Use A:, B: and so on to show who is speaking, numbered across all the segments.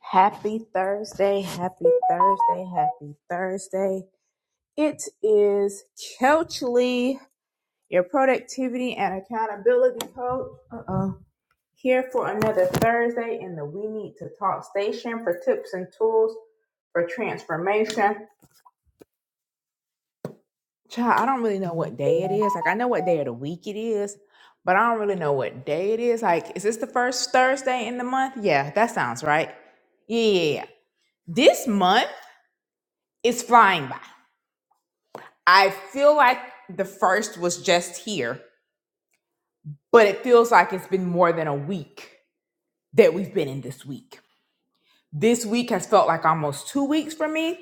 A: Happy Thursday, happy Thursday, happy Thursday. It is Kelchley, your productivity and accountability coach. Uh-oh. Here for another Thursday in the We Need to Talk station for tips and tools for transformation. Child, I don't really know what day it is. Like I know what day of the week it is, but I don't really know what day it is. Like, is this the first Thursday in the month? Yeah, that sounds right. Yeah, yeah, yeah. This month is flying by. I feel like the first was just here, but it feels like it's been more than a week that we've been in this week. This week has felt like almost two weeks for me,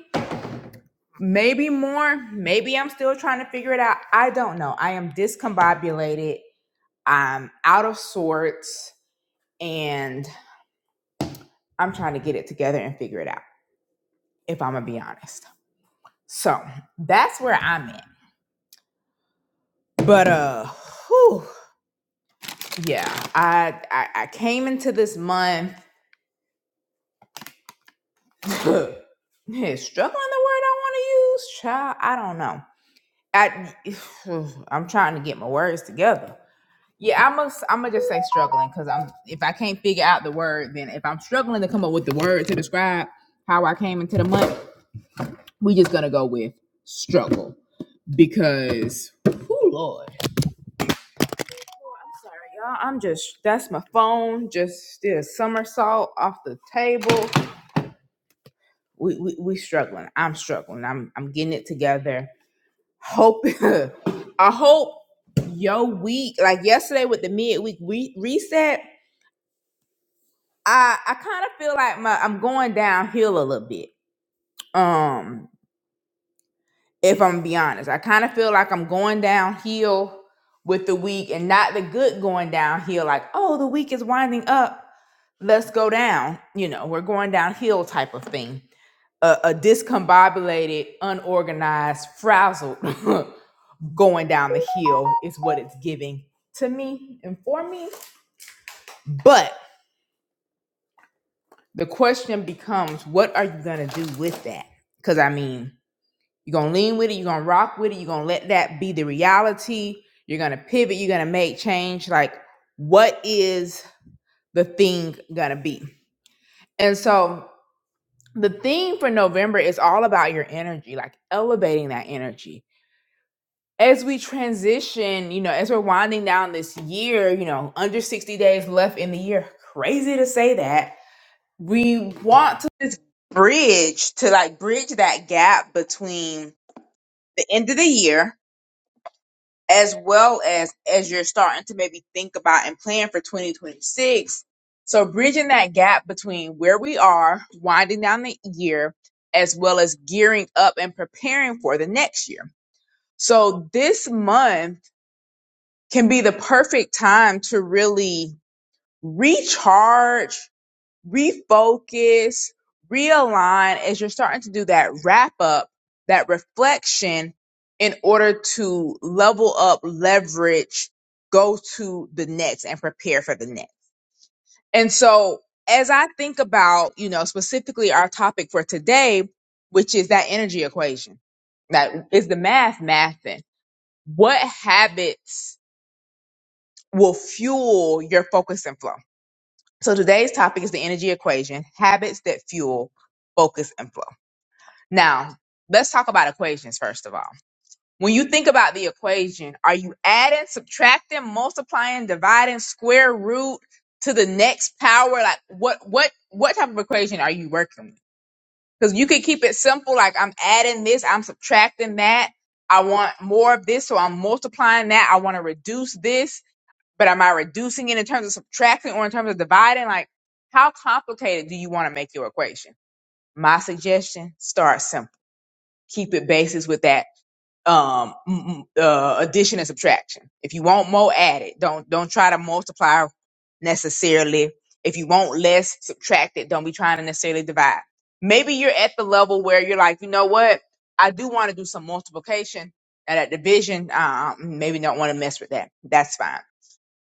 A: maybe more. Maybe I'm still trying to figure it out. I don't know. I am discombobulated, I'm out of sorts, and I'm trying to get it together and figure it out, if I'm gonna be honest. So that's where I'm at. But uh whew, yeah, I, I I came into this month Yeah, struggling the word I want to use, child. I don't know. I I'm trying to get my words together. Yeah, I must. I'm gonna just say struggling because I'm. If I can't figure out the word, then if I'm struggling to come up with the word to describe how I came into the month, we just gonna go with struggle because, oh Lord, sorry, y'all. I'm just that's my phone. Just did a somersault off the table. We we we struggling. I'm struggling. I'm I'm getting it together. hope I hope your week like yesterday with the midweek we reset I I kind of feel like my I'm going downhill a little bit um if I'm gonna be honest I kind of feel like I'm going downhill with the week and not the good going downhill like oh the week is winding up let's go down you know we're going downhill type of thing a, a discombobulated unorganized frazzled going down the hill is what it's giving to me and for me. But the question becomes, what are you gonna do with that? Because I mean, you're gonna lean with it, you're gonna rock with it, you're gonna let that be the reality, you're gonna pivot, you're gonna make change. Like, what is the thing gonna be? And so the theme for November is all about your energy, like elevating that energy as we transition, you know, as we're winding down this year, you know, under 60 days left in the year, crazy to say that. We want to just bridge to like bridge that gap between the end of the year as well as as you're starting to maybe think about and plan for 2026. So bridging that gap between where we are winding down the year as well as gearing up and preparing for the next year. So this month can be the perfect time to really recharge, refocus, realign as you're starting to do that wrap up, that reflection in order to level up, leverage, go to the next and prepare for the next. And so as I think about, you know, specifically our topic for today, which is that energy equation, that is the math mathing. What habits will fuel your focus and flow. So today's topic is the energy equation, habits that fuel focus and flow. Now, let's talk about equations first of all. When you think about the equation, are you adding, subtracting, multiplying, dividing, square root to the next power? Like what what what type of equation are you working with? Because you could keep it simple, like I'm adding this, I'm subtracting that. I want more of this, so I'm multiplying that. I want to reduce this but am I reducing it in terms of subtracting or in terms of dividing? Like, how complicated do you want to make your equation? My suggestion: start simple. Keep it basics with that um m- m- uh, addition and subtraction. If you want more, add it. Don't don't try to multiply necessarily. If you want less, subtract it. Don't be trying to necessarily divide. Maybe you're at the level where you're like, you know what? I do want to do some multiplication and at division. Um, maybe don't want to mess with that. That's fine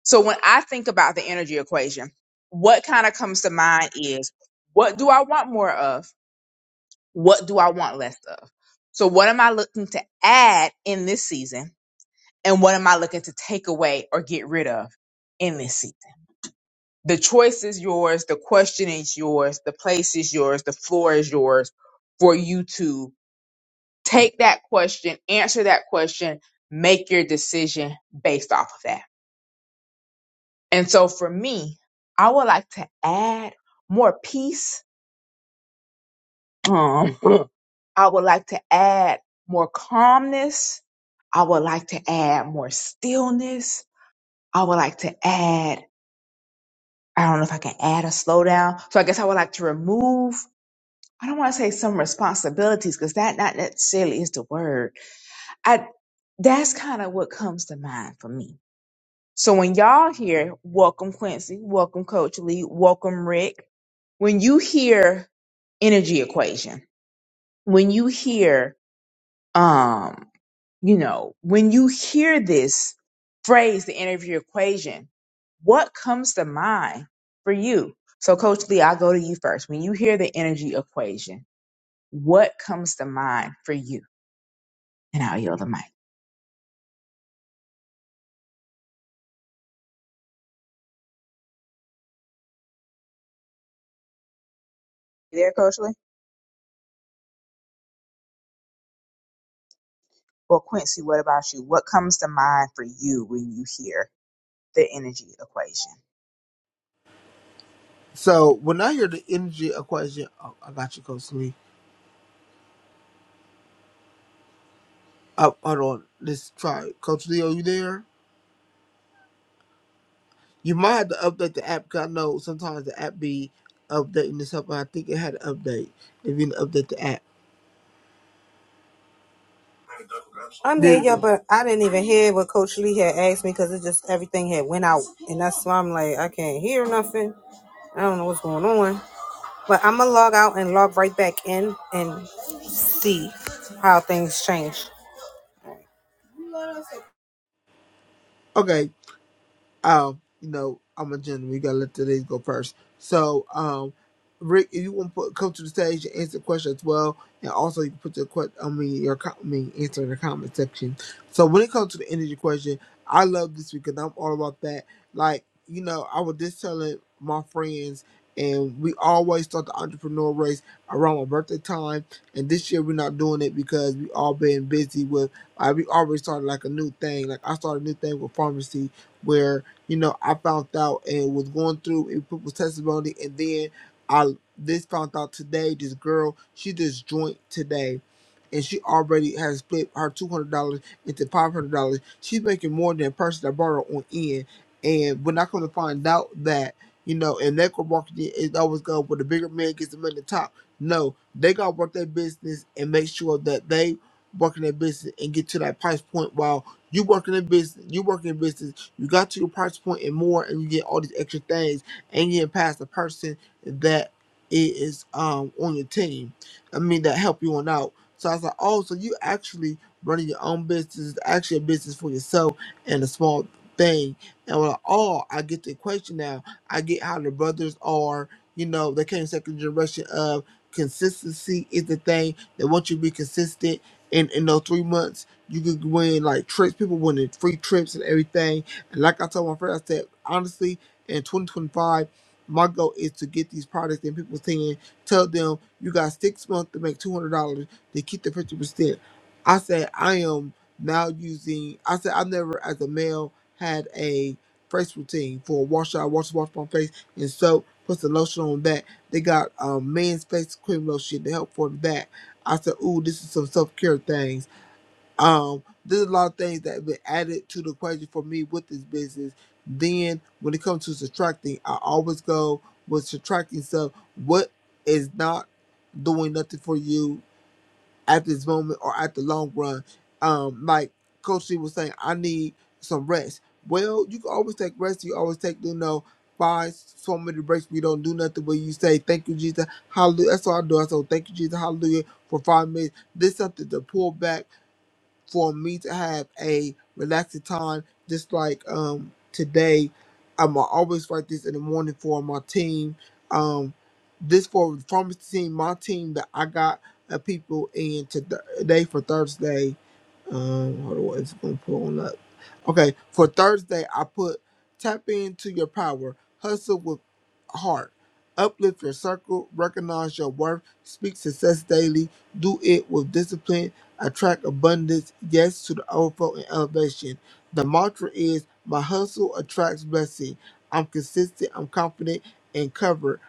A: so when I think about the energy equation, what kind of comes to mind is what do I want more of? What do I want less of? So what am I looking to add in this season? And what am I looking to take away or get rid of in this season? The choice is yours. The question is yours. The place is yours. The floor is yours for you to take that question, answer that question, make your decision based off of that. And so for me, I would like to add more peace. Um, I would like to add more calmness. I would like to add more stillness. I would like to add, I don't know if I can add a slowdown. So I guess I would like to remove, I don't want to say some responsibilities because that not necessarily is the word. I, that's kind of what comes to mind for me. So when y'all hear, welcome Quincy, welcome Coach Lee, welcome Rick, when you hear energy equation, when you hear, um, you know, when you hear this phrase, the energy equation, what comes to mind for you? So, Coach Lee, I'll go to you first. When you hear the energy equation, what comes to mind for you? And I'll yield the mic. You there, Coach Lee? Well, Quincy, what about you? What comes to mind for you when you hear the energy equation?
B: So when I hear the energy equation, oh, I got you, Coach Lee. Oh, hold on, let's try it. Coach Lee, are you there? You might have to update the app because I know sometimes the app be updating itself. and I think it had an update. If you didn't update the app,
C: I'm
B: there
C: here,
B: you
C: yeah,
B: go.
C: but I didn't even hear what Coach Lee had asked me because it just everything had went out, and that's why I'm like I can't hear nothing. I don't know what's going on, but I'm gonna log out and log right back in and see how things change.
B: Okay, um, you know, I'm a gentleman. You gotta let the ladies go first. So, um, Rick, if you want to put, come to the stage and answer the question as well, and also you can put the question, I mean, your com- I mean, answer in the comment section. So when it comes to the energy question, I love this because I'm all about that. Like, you know, I was just telling my friends, and we always start the entrepreneur race around my birthday time. And this year we're not doing it because we all been busy with. Like, we already started like a new thing. Like I started a new thing with pharmacy where you know, I found out and was going through in people's testimony, and then I this found out today. This girl, she just joined today, and she already has split her two hundred dollars into five hundred dollars. She's making more than the person that brought her on in. And when I come to find out that you know, and network marketing is always go where the bigger man gets the money at the top. No, they gotta work their business and make sure that they working their business and get to that price point while you working in business, you working in business you got to your price point and more, and you get all these extra things, and you didn't pass the person that is um on your team. I mean that help you on out. So I was like, oh, so you actually running your own business, It's actually a business for yourself and a small thing. And we're like, oh, I get the equation now. I get how the brothers are. You know, they came second generation of consistency is the thing that once you be consistent in in those three months, you could win like trips. People winning free trips and everything and like I told my friend, I said, honestly, in 2025, my goal is to get these products in people's hands. Tell them you got six months to make $200 to keep the 50%. I said, I am now using, I said, I never as a male had a face routine for wash out, wash, wash my face, and soap, put some lotion on that. They got um, men's face cream lotion to help for that. I said, ooh, this is some self care things. Um, there's a lot of things that have been added to the equation for me with this business. Then, when it comes to subtracting, I always go with subtracting stuff. What is not doing nothing for you at this moment or at the long run? Um, like Coach C was saying, I need some rest. Well, you can always take rest. You always take, you know, five, so many breaks. We don't do nothing, but you say, Thank you, Jesus. Hallelujah. That's all I do. I say, Thank you, Jesus. Hallelujah. For five minutes. This something to pull back for me to have a relaxing time, just like um today. I'm always write this in the morning for my team. Um, this for from the team, my team that I got uh, people in today for Thursday. Um, hold on, it's gonna pull on up. Okay, for Thursday, I put tap into your power, hustle with heart, uplift your circle, recognize your worth, speak success daily, do it with discipline, attract abundance, yes to the overflow and elevation. The mantra is my hustle attracts blessing. I'm consistent, I'm confident and covered.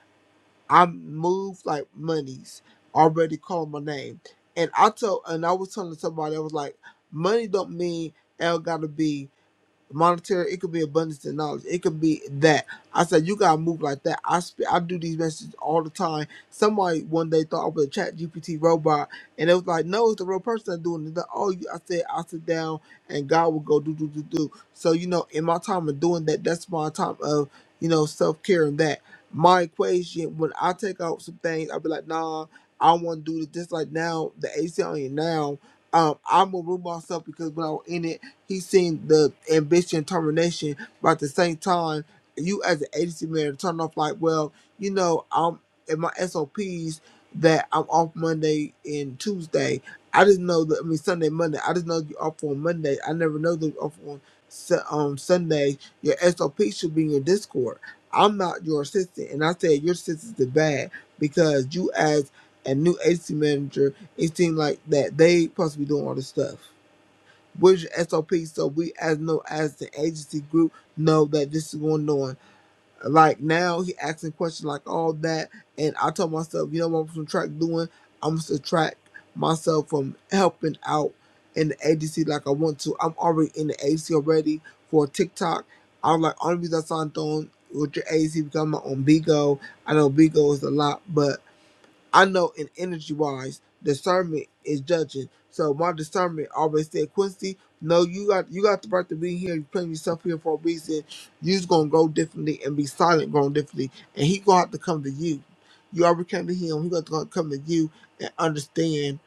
B: I'm moved like monies. Already called my name. And I told and I was telling somebody I was like, money don't mean L gotta be monetary, it could be abundance in knowledge, it could be that. I said, You gotta move like that. I sp- I do these messages all the time. Somebody one day thought I was a chat GPT robot, and it was like, No, it's the real person that's doing it. They're Like, oh, you- I said, i sit down and God will go do, do, do, do. So, you know, in my time of doing that, that's my time of, you know, self care and that. My equation, when I take out some things, I'll be like, Nah, I want to do this. Just like now, the AC ACL now, um, I'm gonna move myself because when I was in it. He's seen the ambition, determination. but at the same time, you as an agency manager turn off like, well, you know, I'm in my SOPs that I'm off Monday and Tuesday. I just know that I mean Sunday, Monday. I just know you're off on Monday. I never know that you're off on Su- um, Sunday. Your SOP should be in your Discord. I'm not your assistant, and I said your assistants are bad because you as a new agency manager, it seemed like that they supposed to be doing all this stuff. Which SOP so we as know as the agency group know that this is going on. Like now he asking questions like all that and I told myself, you know what I'm gonna subtract doing? I'm gonna subtract myself from helping out in the agency like I want to. I'm already in the agency already for TikTok. I was like only reason I signed on with your agency because I'm not on Bigo. I know Bigo is a lot, but I know in energy wise, discernment is judging. So my discernment always said, Quincy, no, you got you got the right to be here. You putting yourself here for a reason. You's gonna go differently and be silent going differently, and he gonna have to come to you. You already came to him. He gonna come to you and understand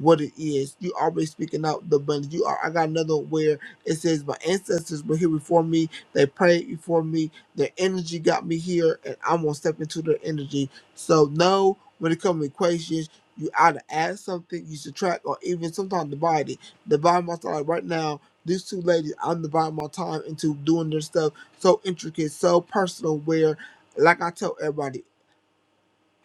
B: what it is. You already speaking out the abundance. You are. I got another one where it says, my ancestors were here before me. They prayed before me. Their energy got me here, and I'm gonna step into their energy. So no. When it comes to equations, you either add something, you subtract, or even sometimes divide it. Divide my time. Like right now, these two ladies, I'm dividing my time into doing their stuff so intricate, so personal, where, like I tell everybody,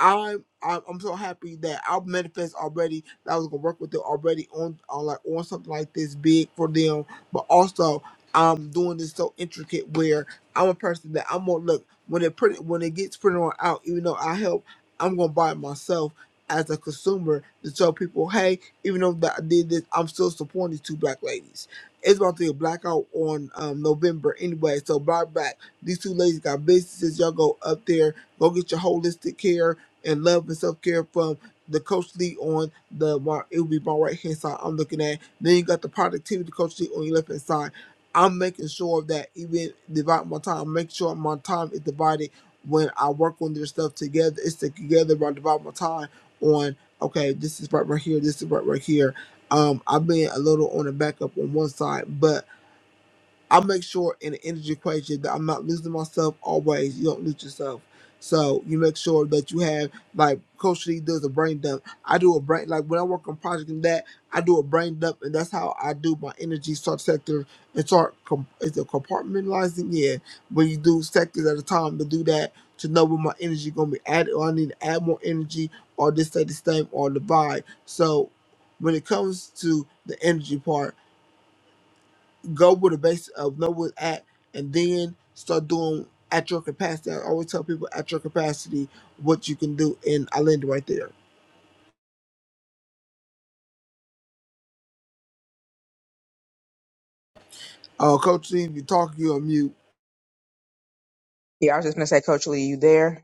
B: I'm I'm I'm so happy that I'll manifest already that I was gonna work with them already on on like on something like this big for them, but also I'm doing this so intricate where I'm a person that I'm gonna look when it print when it gets printed on out, even though I help, I'm gonna buy it myself as a consumer to tell people, hey, even though that I did this, I'm still supporting these two black ladies. It's about to be a blackout on um, November anyway, so black back. These two ladies got businesses. Y'all go up there, go get your holistic care and love and self care from the coach Lee on the mar- it will be my right hand side I'm looking at. Then you got the productivity coach Lee on your left hand side. I'm making sure that even divide my time, make sure my time is divided when I work on this stuff together. It's together but I divide my time on okay, this is right right here, this is right right here. Um I've been a little on the backup on one side, but I make sure in the energy equation that I'm not losing myself always. You don't lose yourself. So you make sure that you have like Coach Lee does a brain dump. I do a brain like when I work on project and that I do a brain dump and that's how I do my energy start sector and start com- is it compartmentalizing? Yeah, when you do sectors at a time to do that to know when my energy gonna be added or I need to add more energy or this say the same or divide. So when it comes to the energy part go with the base of know what's at and then start doing at your capacity. I always tell people at your capacity what you can do and I land right there. Uh Coach Lee, if you talk you're on mute.
A: Yeah, I was just gonna say, Coach Lee, you there?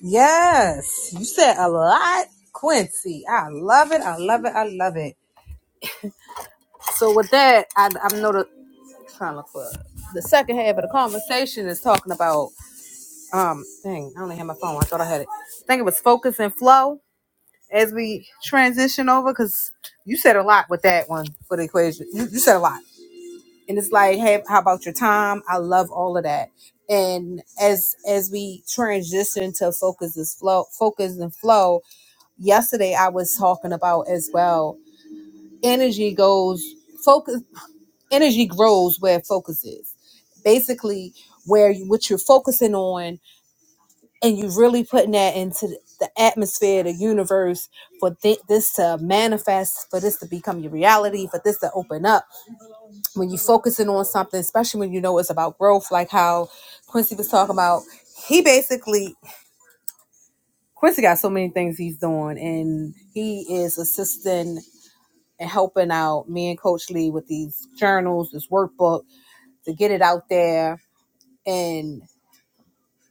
C: Yes, you said a lot, Quincy. I love it. I love it. I love it. So with that, I, I'm not a- trying to look for the second half of the conversation is talking about um thing. I only had my phone. I thought I had it. I think it was focus and flow as we transition over because you said a lot with that one for the equation you, you said a lot and it's like hey how about your time i love all of that and as as we transition to focus is flow focus and flow yesterday i was talking about as well energy goes focus energy grows where focus is basically where you, what you're focusing on and you really putting that into the atmosphere, the universe for thi- this to manifest, for this to become your reality, for this to open up. When you are focusing on something, especially when you know it's about growth, like how Quincy was talking about, he basically Quincy got so many things he's doing, and he is assisting and helping out me and Coach Lee with these journals, this workbook to get it out there and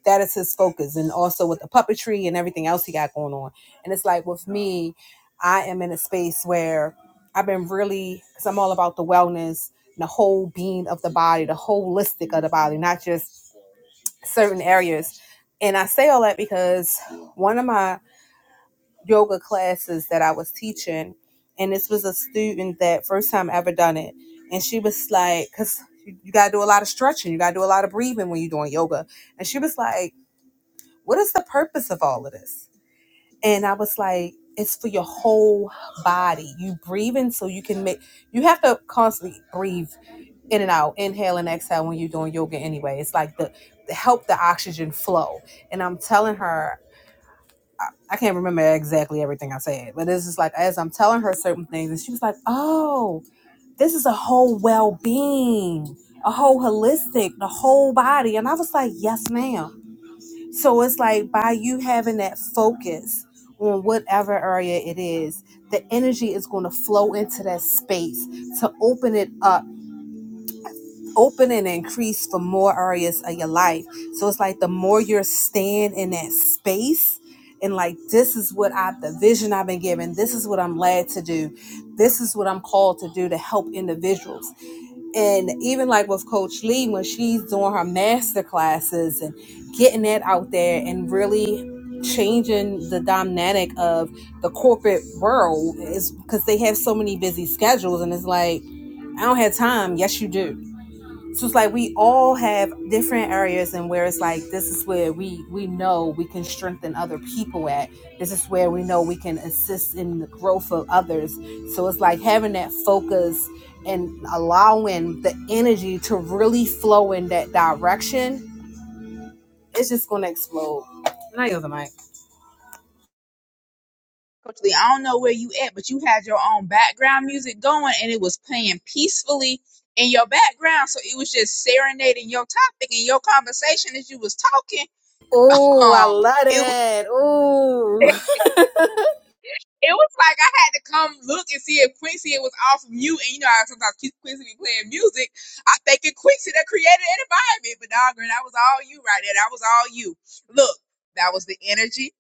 C: that is his focus and also with the puppetry and everything else he got going on and it's like with me i am in a space where i've been really because i'm all about the wellness the whole being of the body the holistic of the body not just certain areas and i say all that because one of my yoga classes that i was teaching and this was a student that first time ever done it and she was like because you gotta do a lot of stretching you gotta do a lot of breathing when you're doing yoga and she was like what is the purpose of all of this? And I was like, it's for your whole body. You breathing so you can make you have to constantly breathe in and out, inhale and exhale when you're doing yoga anyway. It's like the, the help the oxygen flow. And I'm telling her I, I can't remember exactly everything I said, but it's just like as I'm telling her certain things, and she was like, Oh, this is a whole well being, a whole holistic, the whole body. And I was like, Yes, ma'am so it's like by you having that focus on whatever area it is, the energy is going to flow into that space to open it up, open and increase for more areas of your life. So it's like the more you're staying in that space. And like this is what I the vision I've been given. This is what I'm led to do. This is what I'm called to do to help individuals and even like with coach lee when she's doing her master classes and getting that out there and really changing the dynamic of the corporate world is because they have so many busy schedules and it's like i don't have time yes you do so it's like we all have different areas and where it's like this is where we we know we can strengthen other people at. This is where we know we can assist in the growth of others. So it's like having that focus and allowing the energy to really flow in that direction. It's just gonna explode. And I yield the mic.
A: Coach Lee, I don't know where you at, but you had your own background music going and it was playing peacefully in your background. So it was just serenading your topic and your conversation as you was talking.
C: Oh, I
A: Um,
C: love
A: it
C: it. Oh,
A: It was like I had to come look and see if Quincy was off mute. And you know how sometimes Quincy be playing music. I think it Quincy that created an environment. But dog, girl, that was all you right there. That was all you. Look, that was the energy.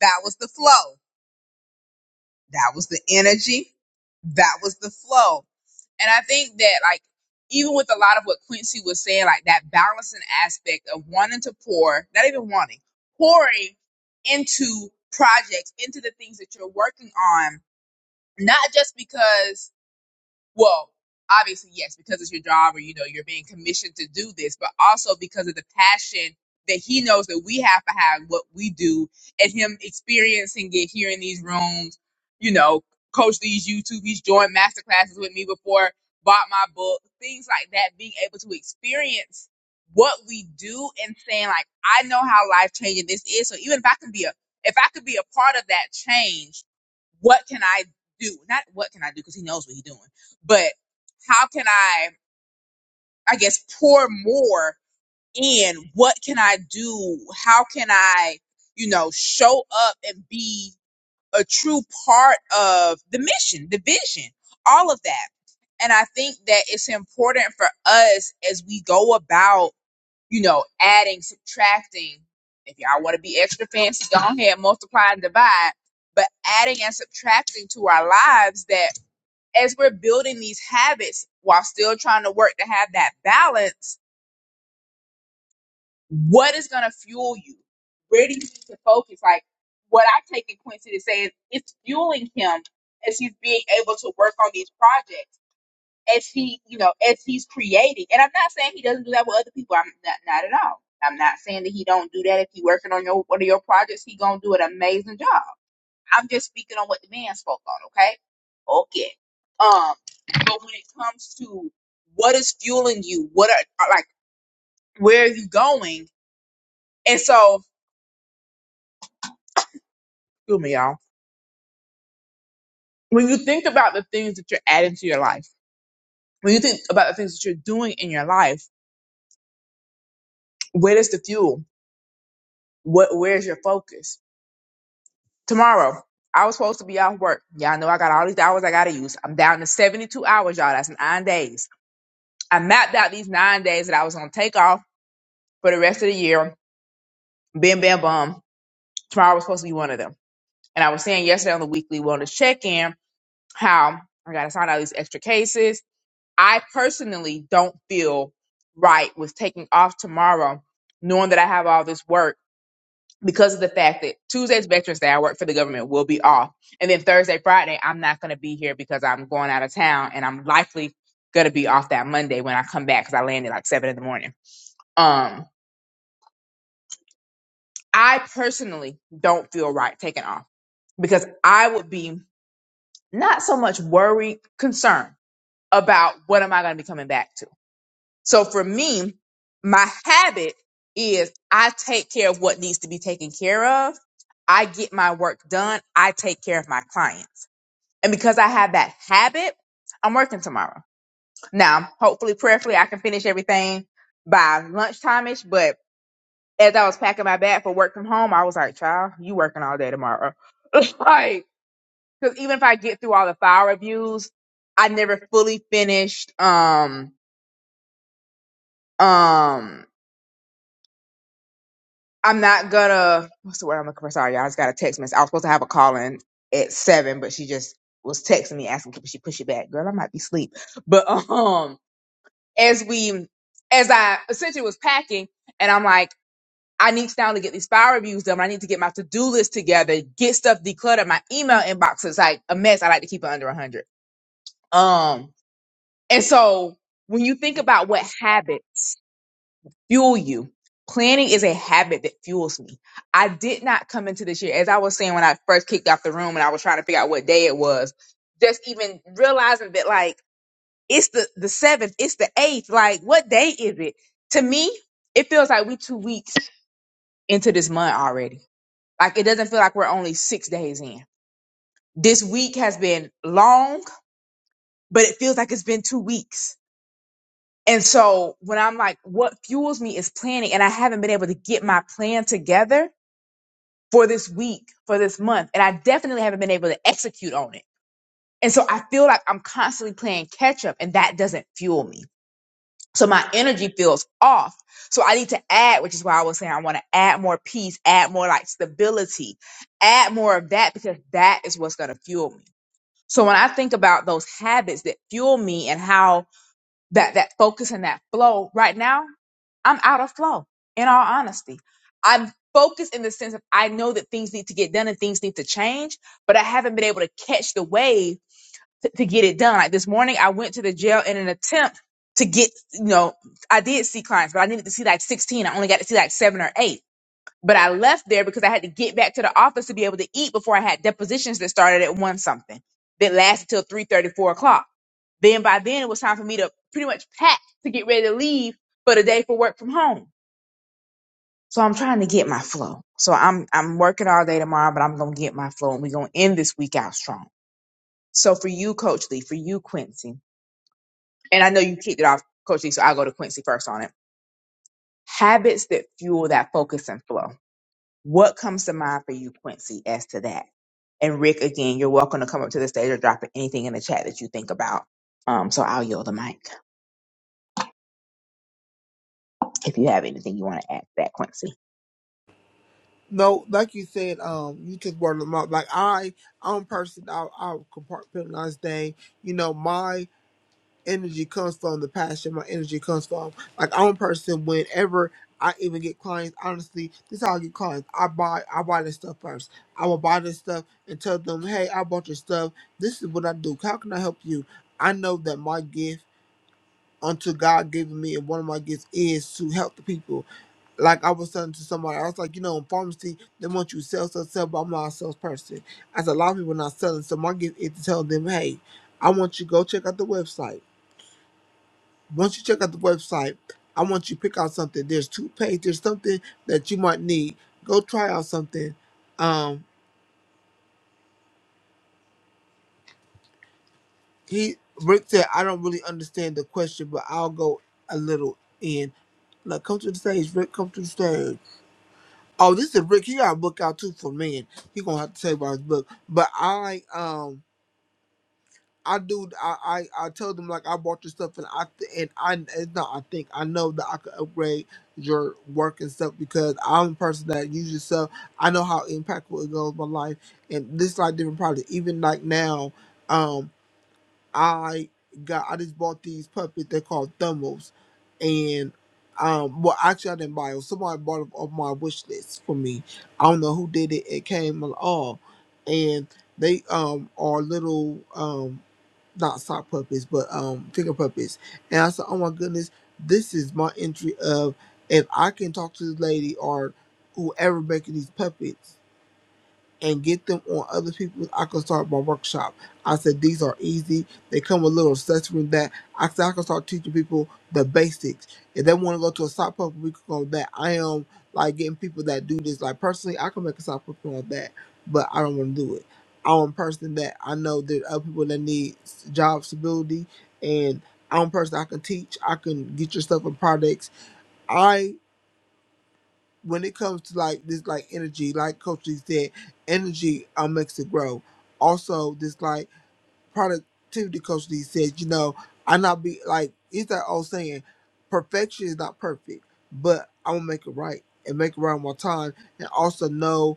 A: That was the flow. That was the energy. That was the flow. And I think that like even with a lot of what Quincy was saying, like that balancing aspect of wanting to pour, not even wanting, pouring into projects, into the things that you're working on not just because well, obviously, yes, because it's your job or you know you're being commissioned to do this, but also because of the passion that he knows that we have to have what we do and him experiencing it here in these rooms, you know, coach these YouTube, he's joined master classes with me before, bought my book, things like that, being able to experience what we do and saying like, I know how life changing this is. So even if I can be a if I could be a part of that change, what can I do? Not what can I do because he knows what he's doing but how can I, I guess, pour more in? What can I do? How can I, you know, show up and be a true part of the mission, the vision, all of that? And I think that it's important for us as we go about, you know, adding, subtracting. If y'all want to be extra fancy, go ahead, multiply and divide. But adding and subtracting to our lives that as we're building these habits while still trying to work to have that balance, what is going to fuel you? Where do you need to focus? Like what I take in Quincy to say is it's fueling him as he's being able to work on these projects, as he, you know, as he's creating. And I'm not saying he doesn't do that with other people. I'm not, not at all. I'm not saying that he don't do that. If he's working on your one of your projects, he gonna do an amazing job. I'm just speaking on what the man spoke on, okay? Okay. Um, but when it comes to what is fueling you, what are like where are you going? And so, excuse me, y'all. When you think about the things that you're adding to your life, when you think about the things that you're doing in your life, where does the fuel? What where's your focus? Tomorrow, I was supposed to be off work. Y'all know I got all these hours I gotta use. I'm down to 72 hours, y'all. That's nine days. I mapped out these nine days that I was gonna take off for the rest of the year Bim Bam Bum. Tomorrow was supposed to be one of them. And I was saying yesterday on the weekly wellness check in how I got to sign out these extra cases. I personally don't feel right with taking off tomorrow, knowing that I have all this work because of the fact that Tuesday's Veterans Day, I work for the government, will be off. And then Thursday, Friday, I'm not going to be here because I'm going out of town and I'm likely going to be off that Monday when I come back because I landed like seven in the morning. Um, I personally don't feel right taking off because I would be not so much worry, concern about what am I going to be coming back to. So for me, my habit is I take care of what needs to be taken care of. I get my work done. I take care of my clients. And because I have that habit, I'm working tomorrow. Now, hopefully, prayerfully, I can finish everything by lunchtime-ish. But as I was packing my bag for work from home, I was like, child, you working all day tomorrow. like, because even if I get through all the file reviews, I never fully finished. Um, um, I'm not gonna. What's the word I'm looking for? Sorry, y'all. I just got a text message. I was supposed to have a call in at seven, but she just was texting me asking if she push it back. Girl, I might be asleep. But um, as we, as I essentially was packing, and I'm like. I need to now to get these file reviews done. I need to get my to-do list together, get stuff decluttered. My email inbox is like a mess. I like to keep it under 100. Um, And so when you think about what habits fuel you, planning is a habit that fuels me. I did not come into this year, as I was saying when I first kicked out the room and I was trying to figure out what day it was, just even realizing that like it's the, the seventh, it's the eighth, like what day is it? To me, it feels like we two weeks into this month already. Like it doesn't feel like we're only six days in. This week has been long, but it feels like it's been two weeks And so when I'm like, what fuels me is planning, and I haven't been able to get my plan together for this week, for this month, and I definitely haven't been able to execute on it. And so I feel like I'm constantly playing catch up, and that doesn't fuel me. So my energy feels off. So I need to add, which is why I was saying I want to add more peace, add more like stability, add more of that because that is what's going to fuel me. So when I think about those habits that fuel me and how that that focus and that flow right now I'm out of flow, in all honesty. I'm focused in the sense of I know that things need to get done and things need to change, but I haven't been able to catch the wave to, to get it done. Like this morning, I went to the jail in an attempt to get, you know, I did see clients, but I needed to see like 16. I only got to see like seven or eight. But I left there because I had to get back to the office to be able to eat before I had depositions that started at one something that lasted till three thirty four o'clock. Then by then it was time for me to pretty much pack to get ready to leave for the day for work from home so I'm trying to get my flow. So I'm I'm working all day tomorrow, but I'm gonna get my flow and we're gonna end this week out strong. So for you, Coach Lee, for you, Quincy, and I know you kicked it off, Coach Lee, so I'll go to Quincy first on it. Habits that fuel that focus and flow. What comes to mind for you, Quincy, as to that? And Rick, again, you're welcome to come up to the stage or drop anything in the chat that you think about. Um, so I'll yield the mic if you have anything you want to add to that, Quincy.
B: No, like you said, um, you just brought them up. Like I I'm a person I I compartmentalize things. You know, my energy comes from, the passion my energy comes from. Like I'm a person whenever I even get clients, honestly, this is how I get clients. I buy I buy this stuff first. I will buy this stuff and tell them, hey, I bought your stuff. This is what I do. How can I help you? I know that my gift unto God giving me and one of my gifts is to help the people. Like I was telling to somebody, I was like, you know, in pharmacy, they want you to sell, sell, sell, but I'm not a salesperson. As a lot of people are not selling. So my gift is to tell them, hey, I want you to go check out the website. Once you check out the website, I want you to pick out something. There's two pages, there's something that you might need. Go try out something. Um, he Rick said, I don't really understand the question, but I'll go a little in. Look, come to the stage, Rick. Come to the stage. Oh, this is Rick. He got a book out too for men. He gonna have to say about his book. But I like um I do. I, I I told them like I bought this stuff and I th- and I it's not. I think I know that I could upgrade your work and stuff because I'm the person that uses stuff. I know how impactful it goes my life and this like different products. Even like now, um, I got I just bought these puppets. They're called Thumbos, and um, well actually I didn't buy them. Somebody bought them off my wish list for me. I don't know who did it. It came along, and they um are little um not sock puppets, but um finger puppets. And I said, Oh my goodness, this is my entry of if I can talk to this lady or whoever making these puppets and get them on other people. I can start my workshop. I said these are easy. They come with little accessories that I said I can start teaching people the basics. If they want to go to a sock puppet, we can go with that. I am like getting people that do this. Like personally, I can make a sock puppet on that, but I don't want to do it. I'm a person that I know there are other people that need s- job stability, and I'm a person I can teach. I can get your stuff and products. I when it comes to like this like energy, like Coach Lee said, energy um, makes it grow. Also, this like productivity Coach Lee said, you know, I not be like it's that old saying, perfection is not perfect, but I'm gonna make it right and make it right one time and also know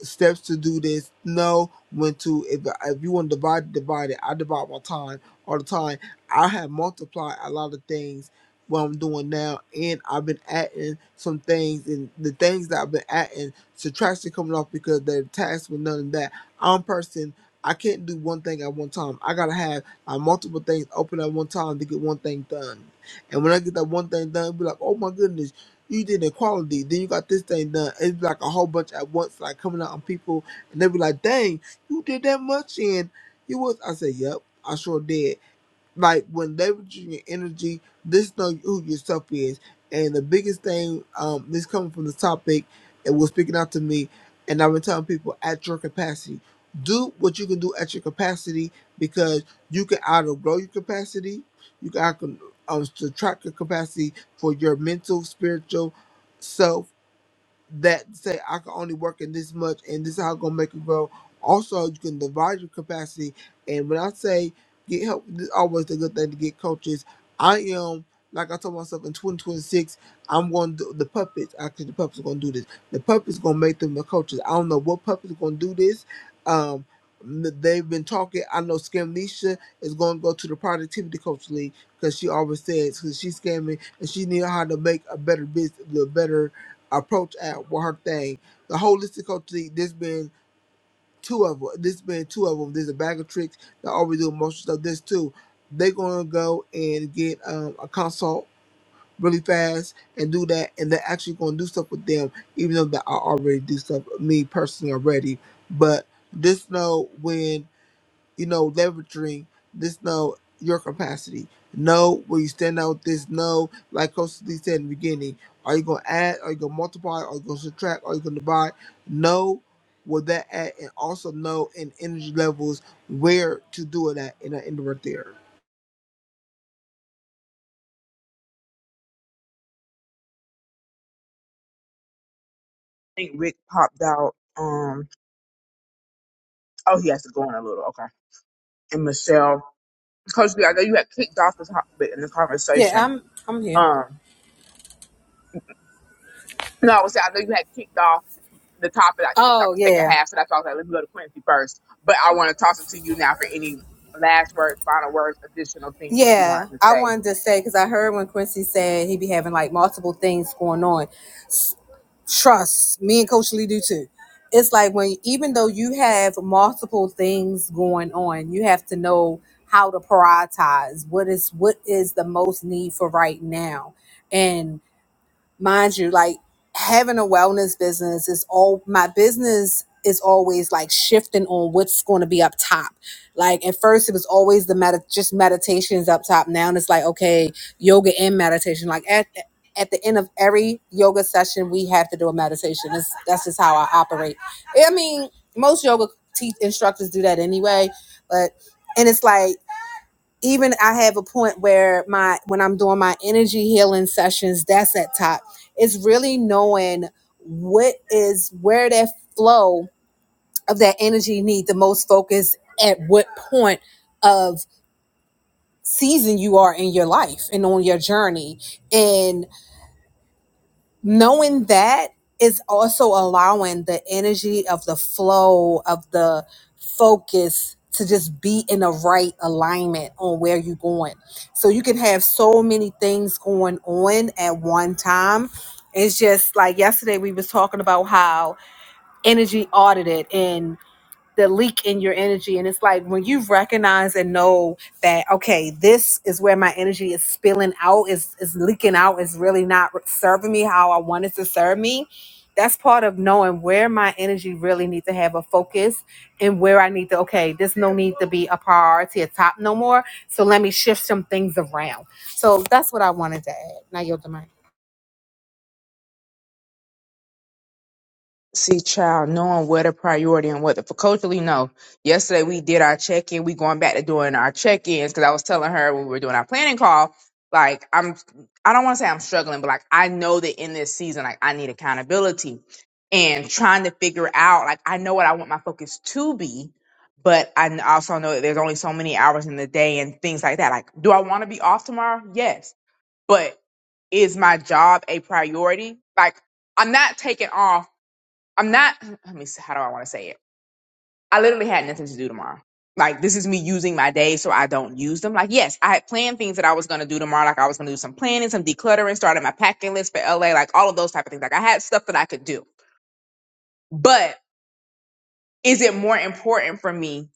B: steps to do this. Know when to. If, if you want to divide, divide it. I divide my time all the time. I have multiplied a lot of things what I'm doing now, and I've been adding some things, and the things that I've been adding subtraction coming off because the task was none of that. I'm a person. I can't do one thing at one time. I gotta have uh, multiple things open at one time to get one thing done. And when I get that one thing done, be like, oh my goodness you did equality, then you got this thing done. It's like a whole bunch at once, like coming out on people, and they be like, "Dang, you did that much, and you was." I said, "Yep, I sure did." like when leveraging your energy, just know who yourself is. And the biggest thing, um, this coming from the topic, it was speaking out to me, and I've been telling people at your capacity, do what you can do at your capacity because you can outgrow your capacity, you can out- um, subtract your capacity for your mental, spiritual self, that say I can only work in this much and this is how I'm gonna make it grow. Also, you can divide your capacity. And when I say get help, this is always a good thing to get coaches. I am like I told myself in 2026, I'm going to do the puppets. Actually, the puppets are going to do this. The puppets going to make them the coaches. I don't know what puppets are going to do this. Um, they've been talking. I know Scam is going to go to the productivity coach league because she always says because she's scamming and she knew how to make a better business, the better approach at what her thing. The holistic coach there's been two of them. There's been two of them. There's a bag of tricks that always do emotional stuff. There's two. They're gonna go and get um, a consult really fast and do that, and they're actually gonna do stuff with them, even though that I already do stuff me personally already. But just know when you know, leveraging this know your capacity. Know where you stand out with this know, like Coach Lee said in the beginning. Are you gonna add? Are you gonna multiply? Are you gonna subtract? Are you gonna divide? Know where that at and also know in energy levels where to do it at and I end right there.
A: think Rick popped out. Um, oh, he has to go in a little. Okay. And Michelle, Coach B, I know you had kicked off the topic in the
C: yeah,
A: conversation.
C: I'm I'm here.
A: Um, no, I was saying I know you had kicked off. the top of that kicked off
C: Oh
A: the second
C: yeah.
A: half, so that's why I was like, let me go to Quincy first. But I want to toss it to you now for any last words, final words, additional things that you
C: Yeah,
A: wanted to
C: I
A: say.
C: wanted to say because I heard when Quincy said he be having like multiple things going on. Trust me and Coach Lee do too. It's like when even though you have multiple things going on, you have to know how to prioritize what is what is the most need for right now. and mind you, like having a wellness business is all my business is always like shifting on what's going to be up top. Like at first it was always the med just meditations up top. Now it's like okay, yoga and meditation. Like at at the end of every yoga session, we have to do a meditation. It's, that's just how I operate. I mean, most yoga te- instructors do that anyway, but and it's like even I have a point where my when I'm doing my energy healing sessions, that's at top. It's really knowing what is where that flow of that energy need the most focus at what point of season you are in your life and on your journey and knowing that is also allowing the energy of the flow of the focus to just be in the right alignment on where you're going. So you can have so many things going on at one time. It's just like yesterday we was talking about how energy audited and the leak in your energy and it's like when you've recognized and know that okay this is where my energy is spilling out is is leaking out is really not serving me how i want it to serve me that's part of knowing where my energy really needs to have a focus and where i need to okay there's no need to be a priority a top no more so let me shift some things around so that's what i wanted to add now you're the mic
A: See, child, knowing what a priority and what the for culturally no. Yesterday we did our check in. We going back to doing our check ins because I was telling her when we were doing our planning call, like I'm, I don't want to say I'm struggling, but like I know that in this season, like I need accountability and trying to figure out, like I know what I want my focus to be, but I n- also know that there's only so many hours in the day and things like that. Like, do I want to be off tomorrow? Yes, but is my job a priority? Like. I'm not taking off I'm not. Let me. s- How do I want to say it? I literally had nothing to do tomorrow. Like this is me using my day so I don't use them. Like yes, I had planned things that I was gonna do tomorrow. Like I was gonna do some planning, some decluttering, started my packing list for LA, like all of those type of things. Like I had stuff that I could do. But is it more important for me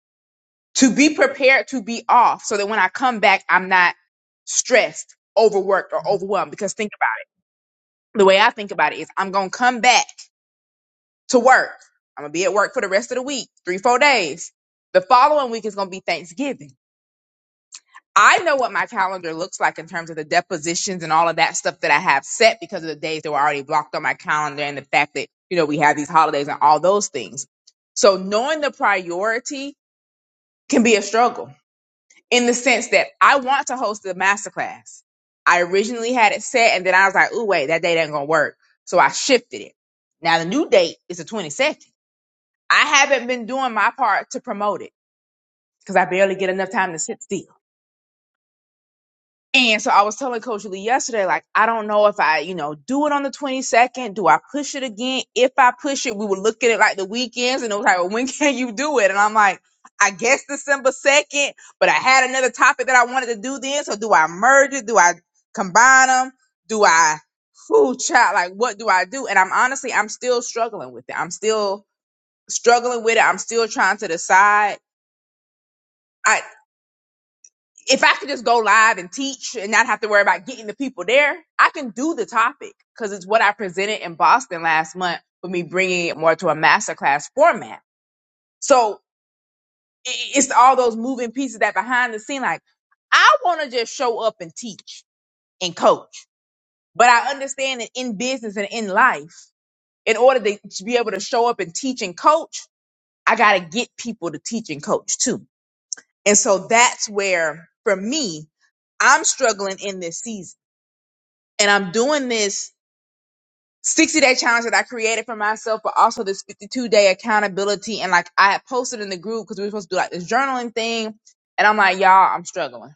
A: to be prepared to be off so that when I come back, I'm not stressed, overworked, or overwhelmed? Because think about it. The way I think about it is I'm gonna come back to work. I'm gonna be at work for the rest of the week, three, four days. The following week is gonna be Thanksgiving. I know what my calendar looks like in terms of the depositions and all of that stuff that I have set because of the days that were already blocked on my calendar and the fact that, you know, we have these holidays and all those things. So knowing the priority can be a struggle in the sense that I want to host the masterclass. I originally had it set and then I was like, ooh, wait, that date ain't gonna work. So I shifted it. Now the new date is the 22nd. I haven't been doing my part to promote it because I barely get enough time to sit still. And so I was telling Coach Lee yesterday, like, I don't know if I, you know, do it on the 22nd. Do I push it again? If I push it, we would look at it like the weekends and it was like, well, when can you do it? And I'm like, I guess December 2nd, but I had another topic that I wanted to do then. So do I merge it? Do I combine them? Do I, whoo, child, like, what do I do? And I'm honestly, I'm still struggling with it. I'm still struggling with it. I'm still trying to decide. I. if I could just go live and teach and not have to worry about getting the people there, I can do the topic because it's what I presented in Boston last month with me bringing it more to a masterclass format. So i- it's all those moving pieces that behind the scene, like I want to just show up and teach and coach, but I understand that in business and in life, in order to to be able to show up and teach and coach, I got to get people to teach and coach too. And so that's where for me, I'm struggling in this season and I'm doing this 60 day challenge that I created for myself, but also this 52 day accountability. And like I had posted in the group because we were supposed to do like this journaling thing. And I'm like, y'all, I'm struggling.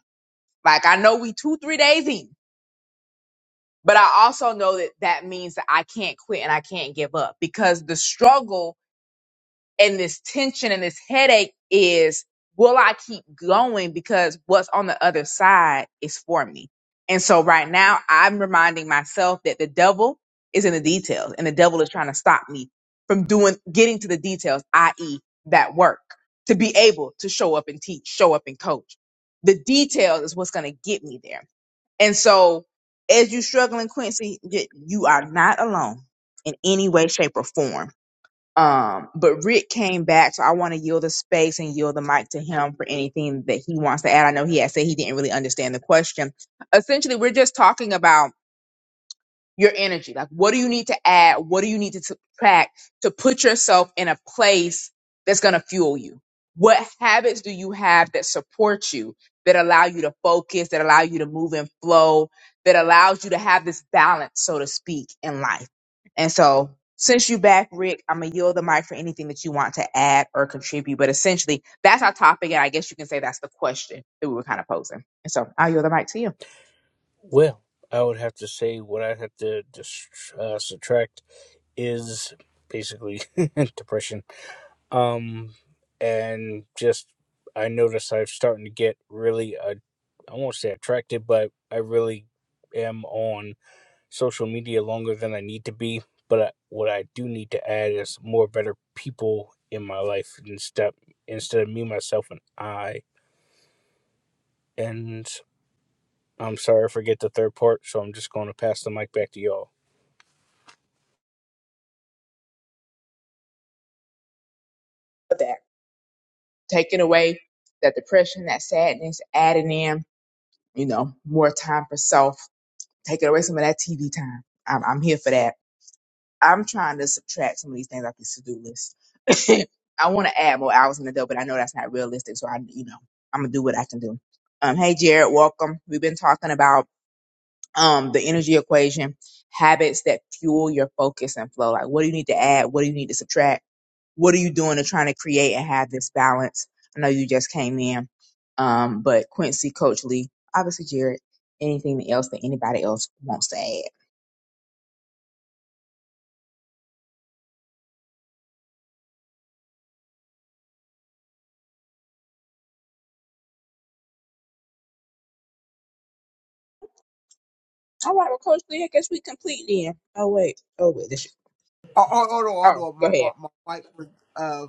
A: Like I know we two, three days in, but I also know that that means that I can't quit and I can't give up because the struggle and this tension and this headache is will I keep going because what's on the other side is for me. And so right now I'm reminding myself that the devil is in the details and the devil is trying to stop me from doing getting to the details, i.e. that work to be able to show up and teach, show up and coach. The details is what's going to get me there. And so as you struggling Quincy, y- you are not alone in any way shape or form um, but Rick came back, so I want to yield the space and yield the mic to him for anything that he wants to add. I know he had said he didn't really understand the question. Essentially, we're just talking about your energy. Like, what do you need to add? What do you need to subtract to put yourself in a place that's going to fuel you? What habits do you have that support you, that allow you to focus, that allow you to move and flow, that allows you to have this balance, so to speak, in life? And so, since you back, Rick, I'm going to yield the mic for anything that you want to add or contribute. But essentially, that's our topic. And I guess you can say that's the question that we were kind of posing. And so, I'll yield the mic to you.
D: Well, I would have to say what I'd have to dis- uh, subtract is basically depression. Um, and just I notice I'm starting to get really, uh, I won't say attracted, but I really am on social media longer than I need to be. But I, what I do need to add is more better people in my life instead instead of me, myself, and I. And I'm sorry I forget the third part, so I'm just going to pass the mic back to y'all.
A: for that. taking away that depression, that sadness, adding in, you know, more time for self, taking away some of that TV time. I'm, I'm here for that. I'm trying to subtract some of these things off this to do list. I want to add more hours in the day, but I know that's not realistic. So I, you know, I'm gonna do what I can do. Um, hey Jared, welcome. We've been talking about um the energy equation, habits that fuel your focus and flow. Like, what do you need to add? What do you need to subtract? what are you doing to trying to create and have this balance? I know you just came in, um, but Quincy, Coach Lee, obviously Jared, anything else that anybody else wants to add? All right, well, Coach Lee, I guess we complete then. Oh wait, oh wait, this.
B: Oh, oh, oh, no, oh,
A: Oh,
B: no,
A: go
B: my, my,
A: ahead.
B: my mic was uh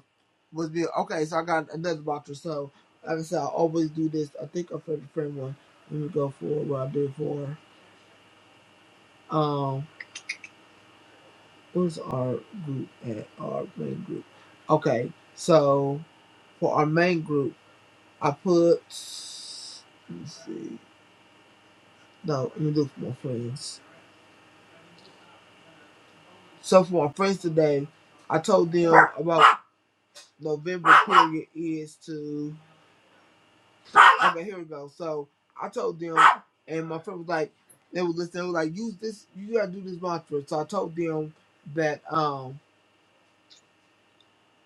B: was being okay, so I got another boxer. So like I said, I always do this. I think I put the frame one. Let me go for what I did for. Um Where's our group at? Our main group. Okay, so for our main group, I put. Let me see. No, let me look for my friends. So for my friends today, I told them about November period is to. Okay, here we go. So I told them, and my friend was like, they were listening. They were like, use this. You gotta do this mantra. So I told them that. Um.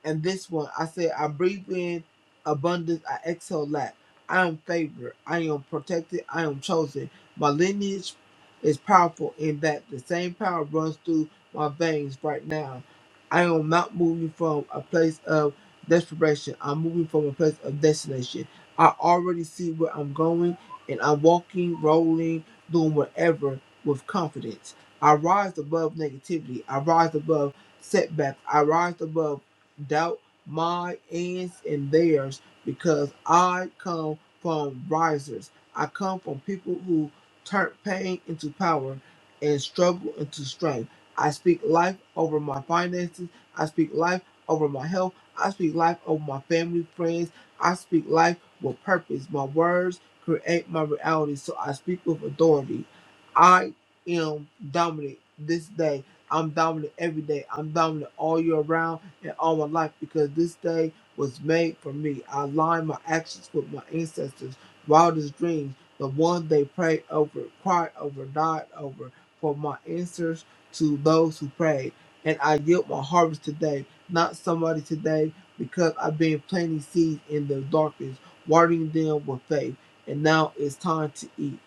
B: And this one, I said, I breathe in abundance, I exhale lack. I am favored, I am protected, I am chosen. My lineage is powerful in that the same power runs through my veins right now. I am not moving from a place of desperation, I'm moving from a place of destination. I already see where I'm going, and I'm walking, rolling, doing whatever with confidence. I rise above negativity, I rise above setbacks, I rise above doubt my ends and theirs because I come from risers. I come from people who turn pain into power and struggle into strength. I speak life over my finances. I speak life over my health. I speak life over my family, friends. I speak life with purpose. My words create my reality, so I speak with authority. I am dominant this day. I'm dominant every day. I'm dominant all year round and all my life because this day was made for me. I align my actions with my ancestors' wildest dreams, the ones they prayed over, cried over, died over, for my answers to those who prayed. And I yield my harvest today, not somebody today, because I've been planting seeds in the darkness, watering them with faith. And now it's time to eat.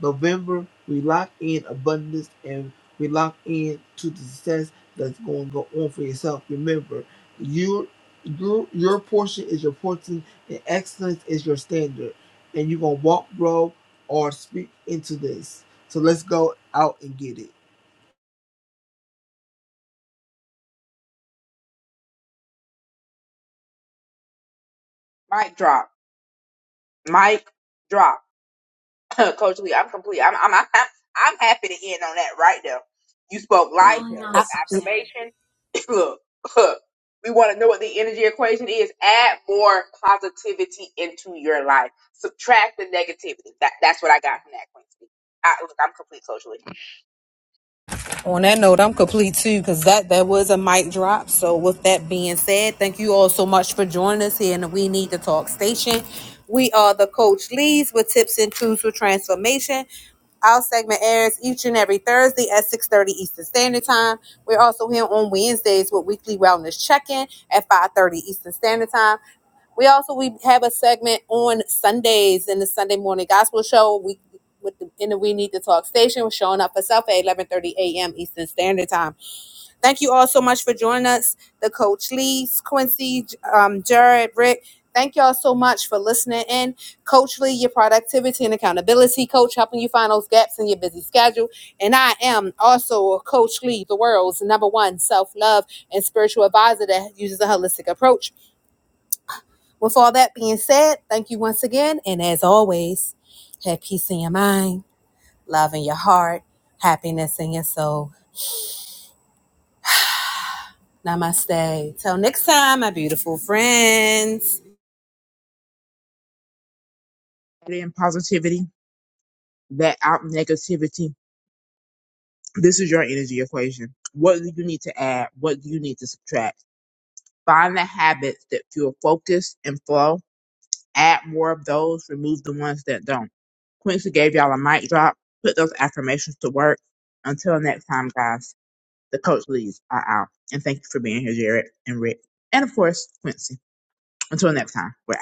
B: November, we lock in abundance and. We lock in to the success that's going to go on for yourself. Remember, your your your portion is your portion, and excellence is your standard. And you're gonna walk, grow, or speak into this. So let's go out and get it.
A: Mic drop. Mic drop. Coach Lee, I'm complete. I'm, I'm I'm I'm happy to end on that right now. You spoke life. You spoke
C: I,
A: affirmation. look, look, we want to know what the energy equation is. Add more positivity into your life. Subtract the negativity. That that's what I got from that, Quincy. I, look, I'm complete, Coach Lee.
C: On that note, I'm complete too, because that that was a mic drop. So, with that being said, thank you all so much for joining us here in the We Need to Talk station. We are the Coach Leads with tips and tools for transformation. Our segment airs each and every Thursday at 6:30 Eastern Standard Time. We're also here on Wednesdays with weekly wellness check-in at 5:30 Eastern Standard Time. We also we have a segment on Sundays in the Sunday morning gospel show. We with the, in the We Need to Talk station. We're showing up for self at 11:30 a.m. Eastern Standard Time. Thank you all so much for joining us. The coach Lee's Quincy, um, Jared, Rick. Thank y'all so much for listening in. Coach Lee, your productivity and accountability coach, helping you find those gaps in your busy schedule. And I am also Coach Lee, the world's number one self love and spiritual advisor that uses a holistic approach with all that being said, thank you once again. And as always, have peace in your mind, love in your heart, happiness in your soul. Namaste. Till next time, my beautiful friends.
A: Add in positivity, that out negativity. This is your energy equation. What do you need to add? What do you need to subtract? Find the habits that fuel focus and flow add more of those, remove the ones that don't. Quincy gave y'all a mic drop. Put those affirmations to work. Until next time, guys, the coach leads are out. And thank you for being here, Jared and Rick. And of course, Quincy. Until next time, we're out.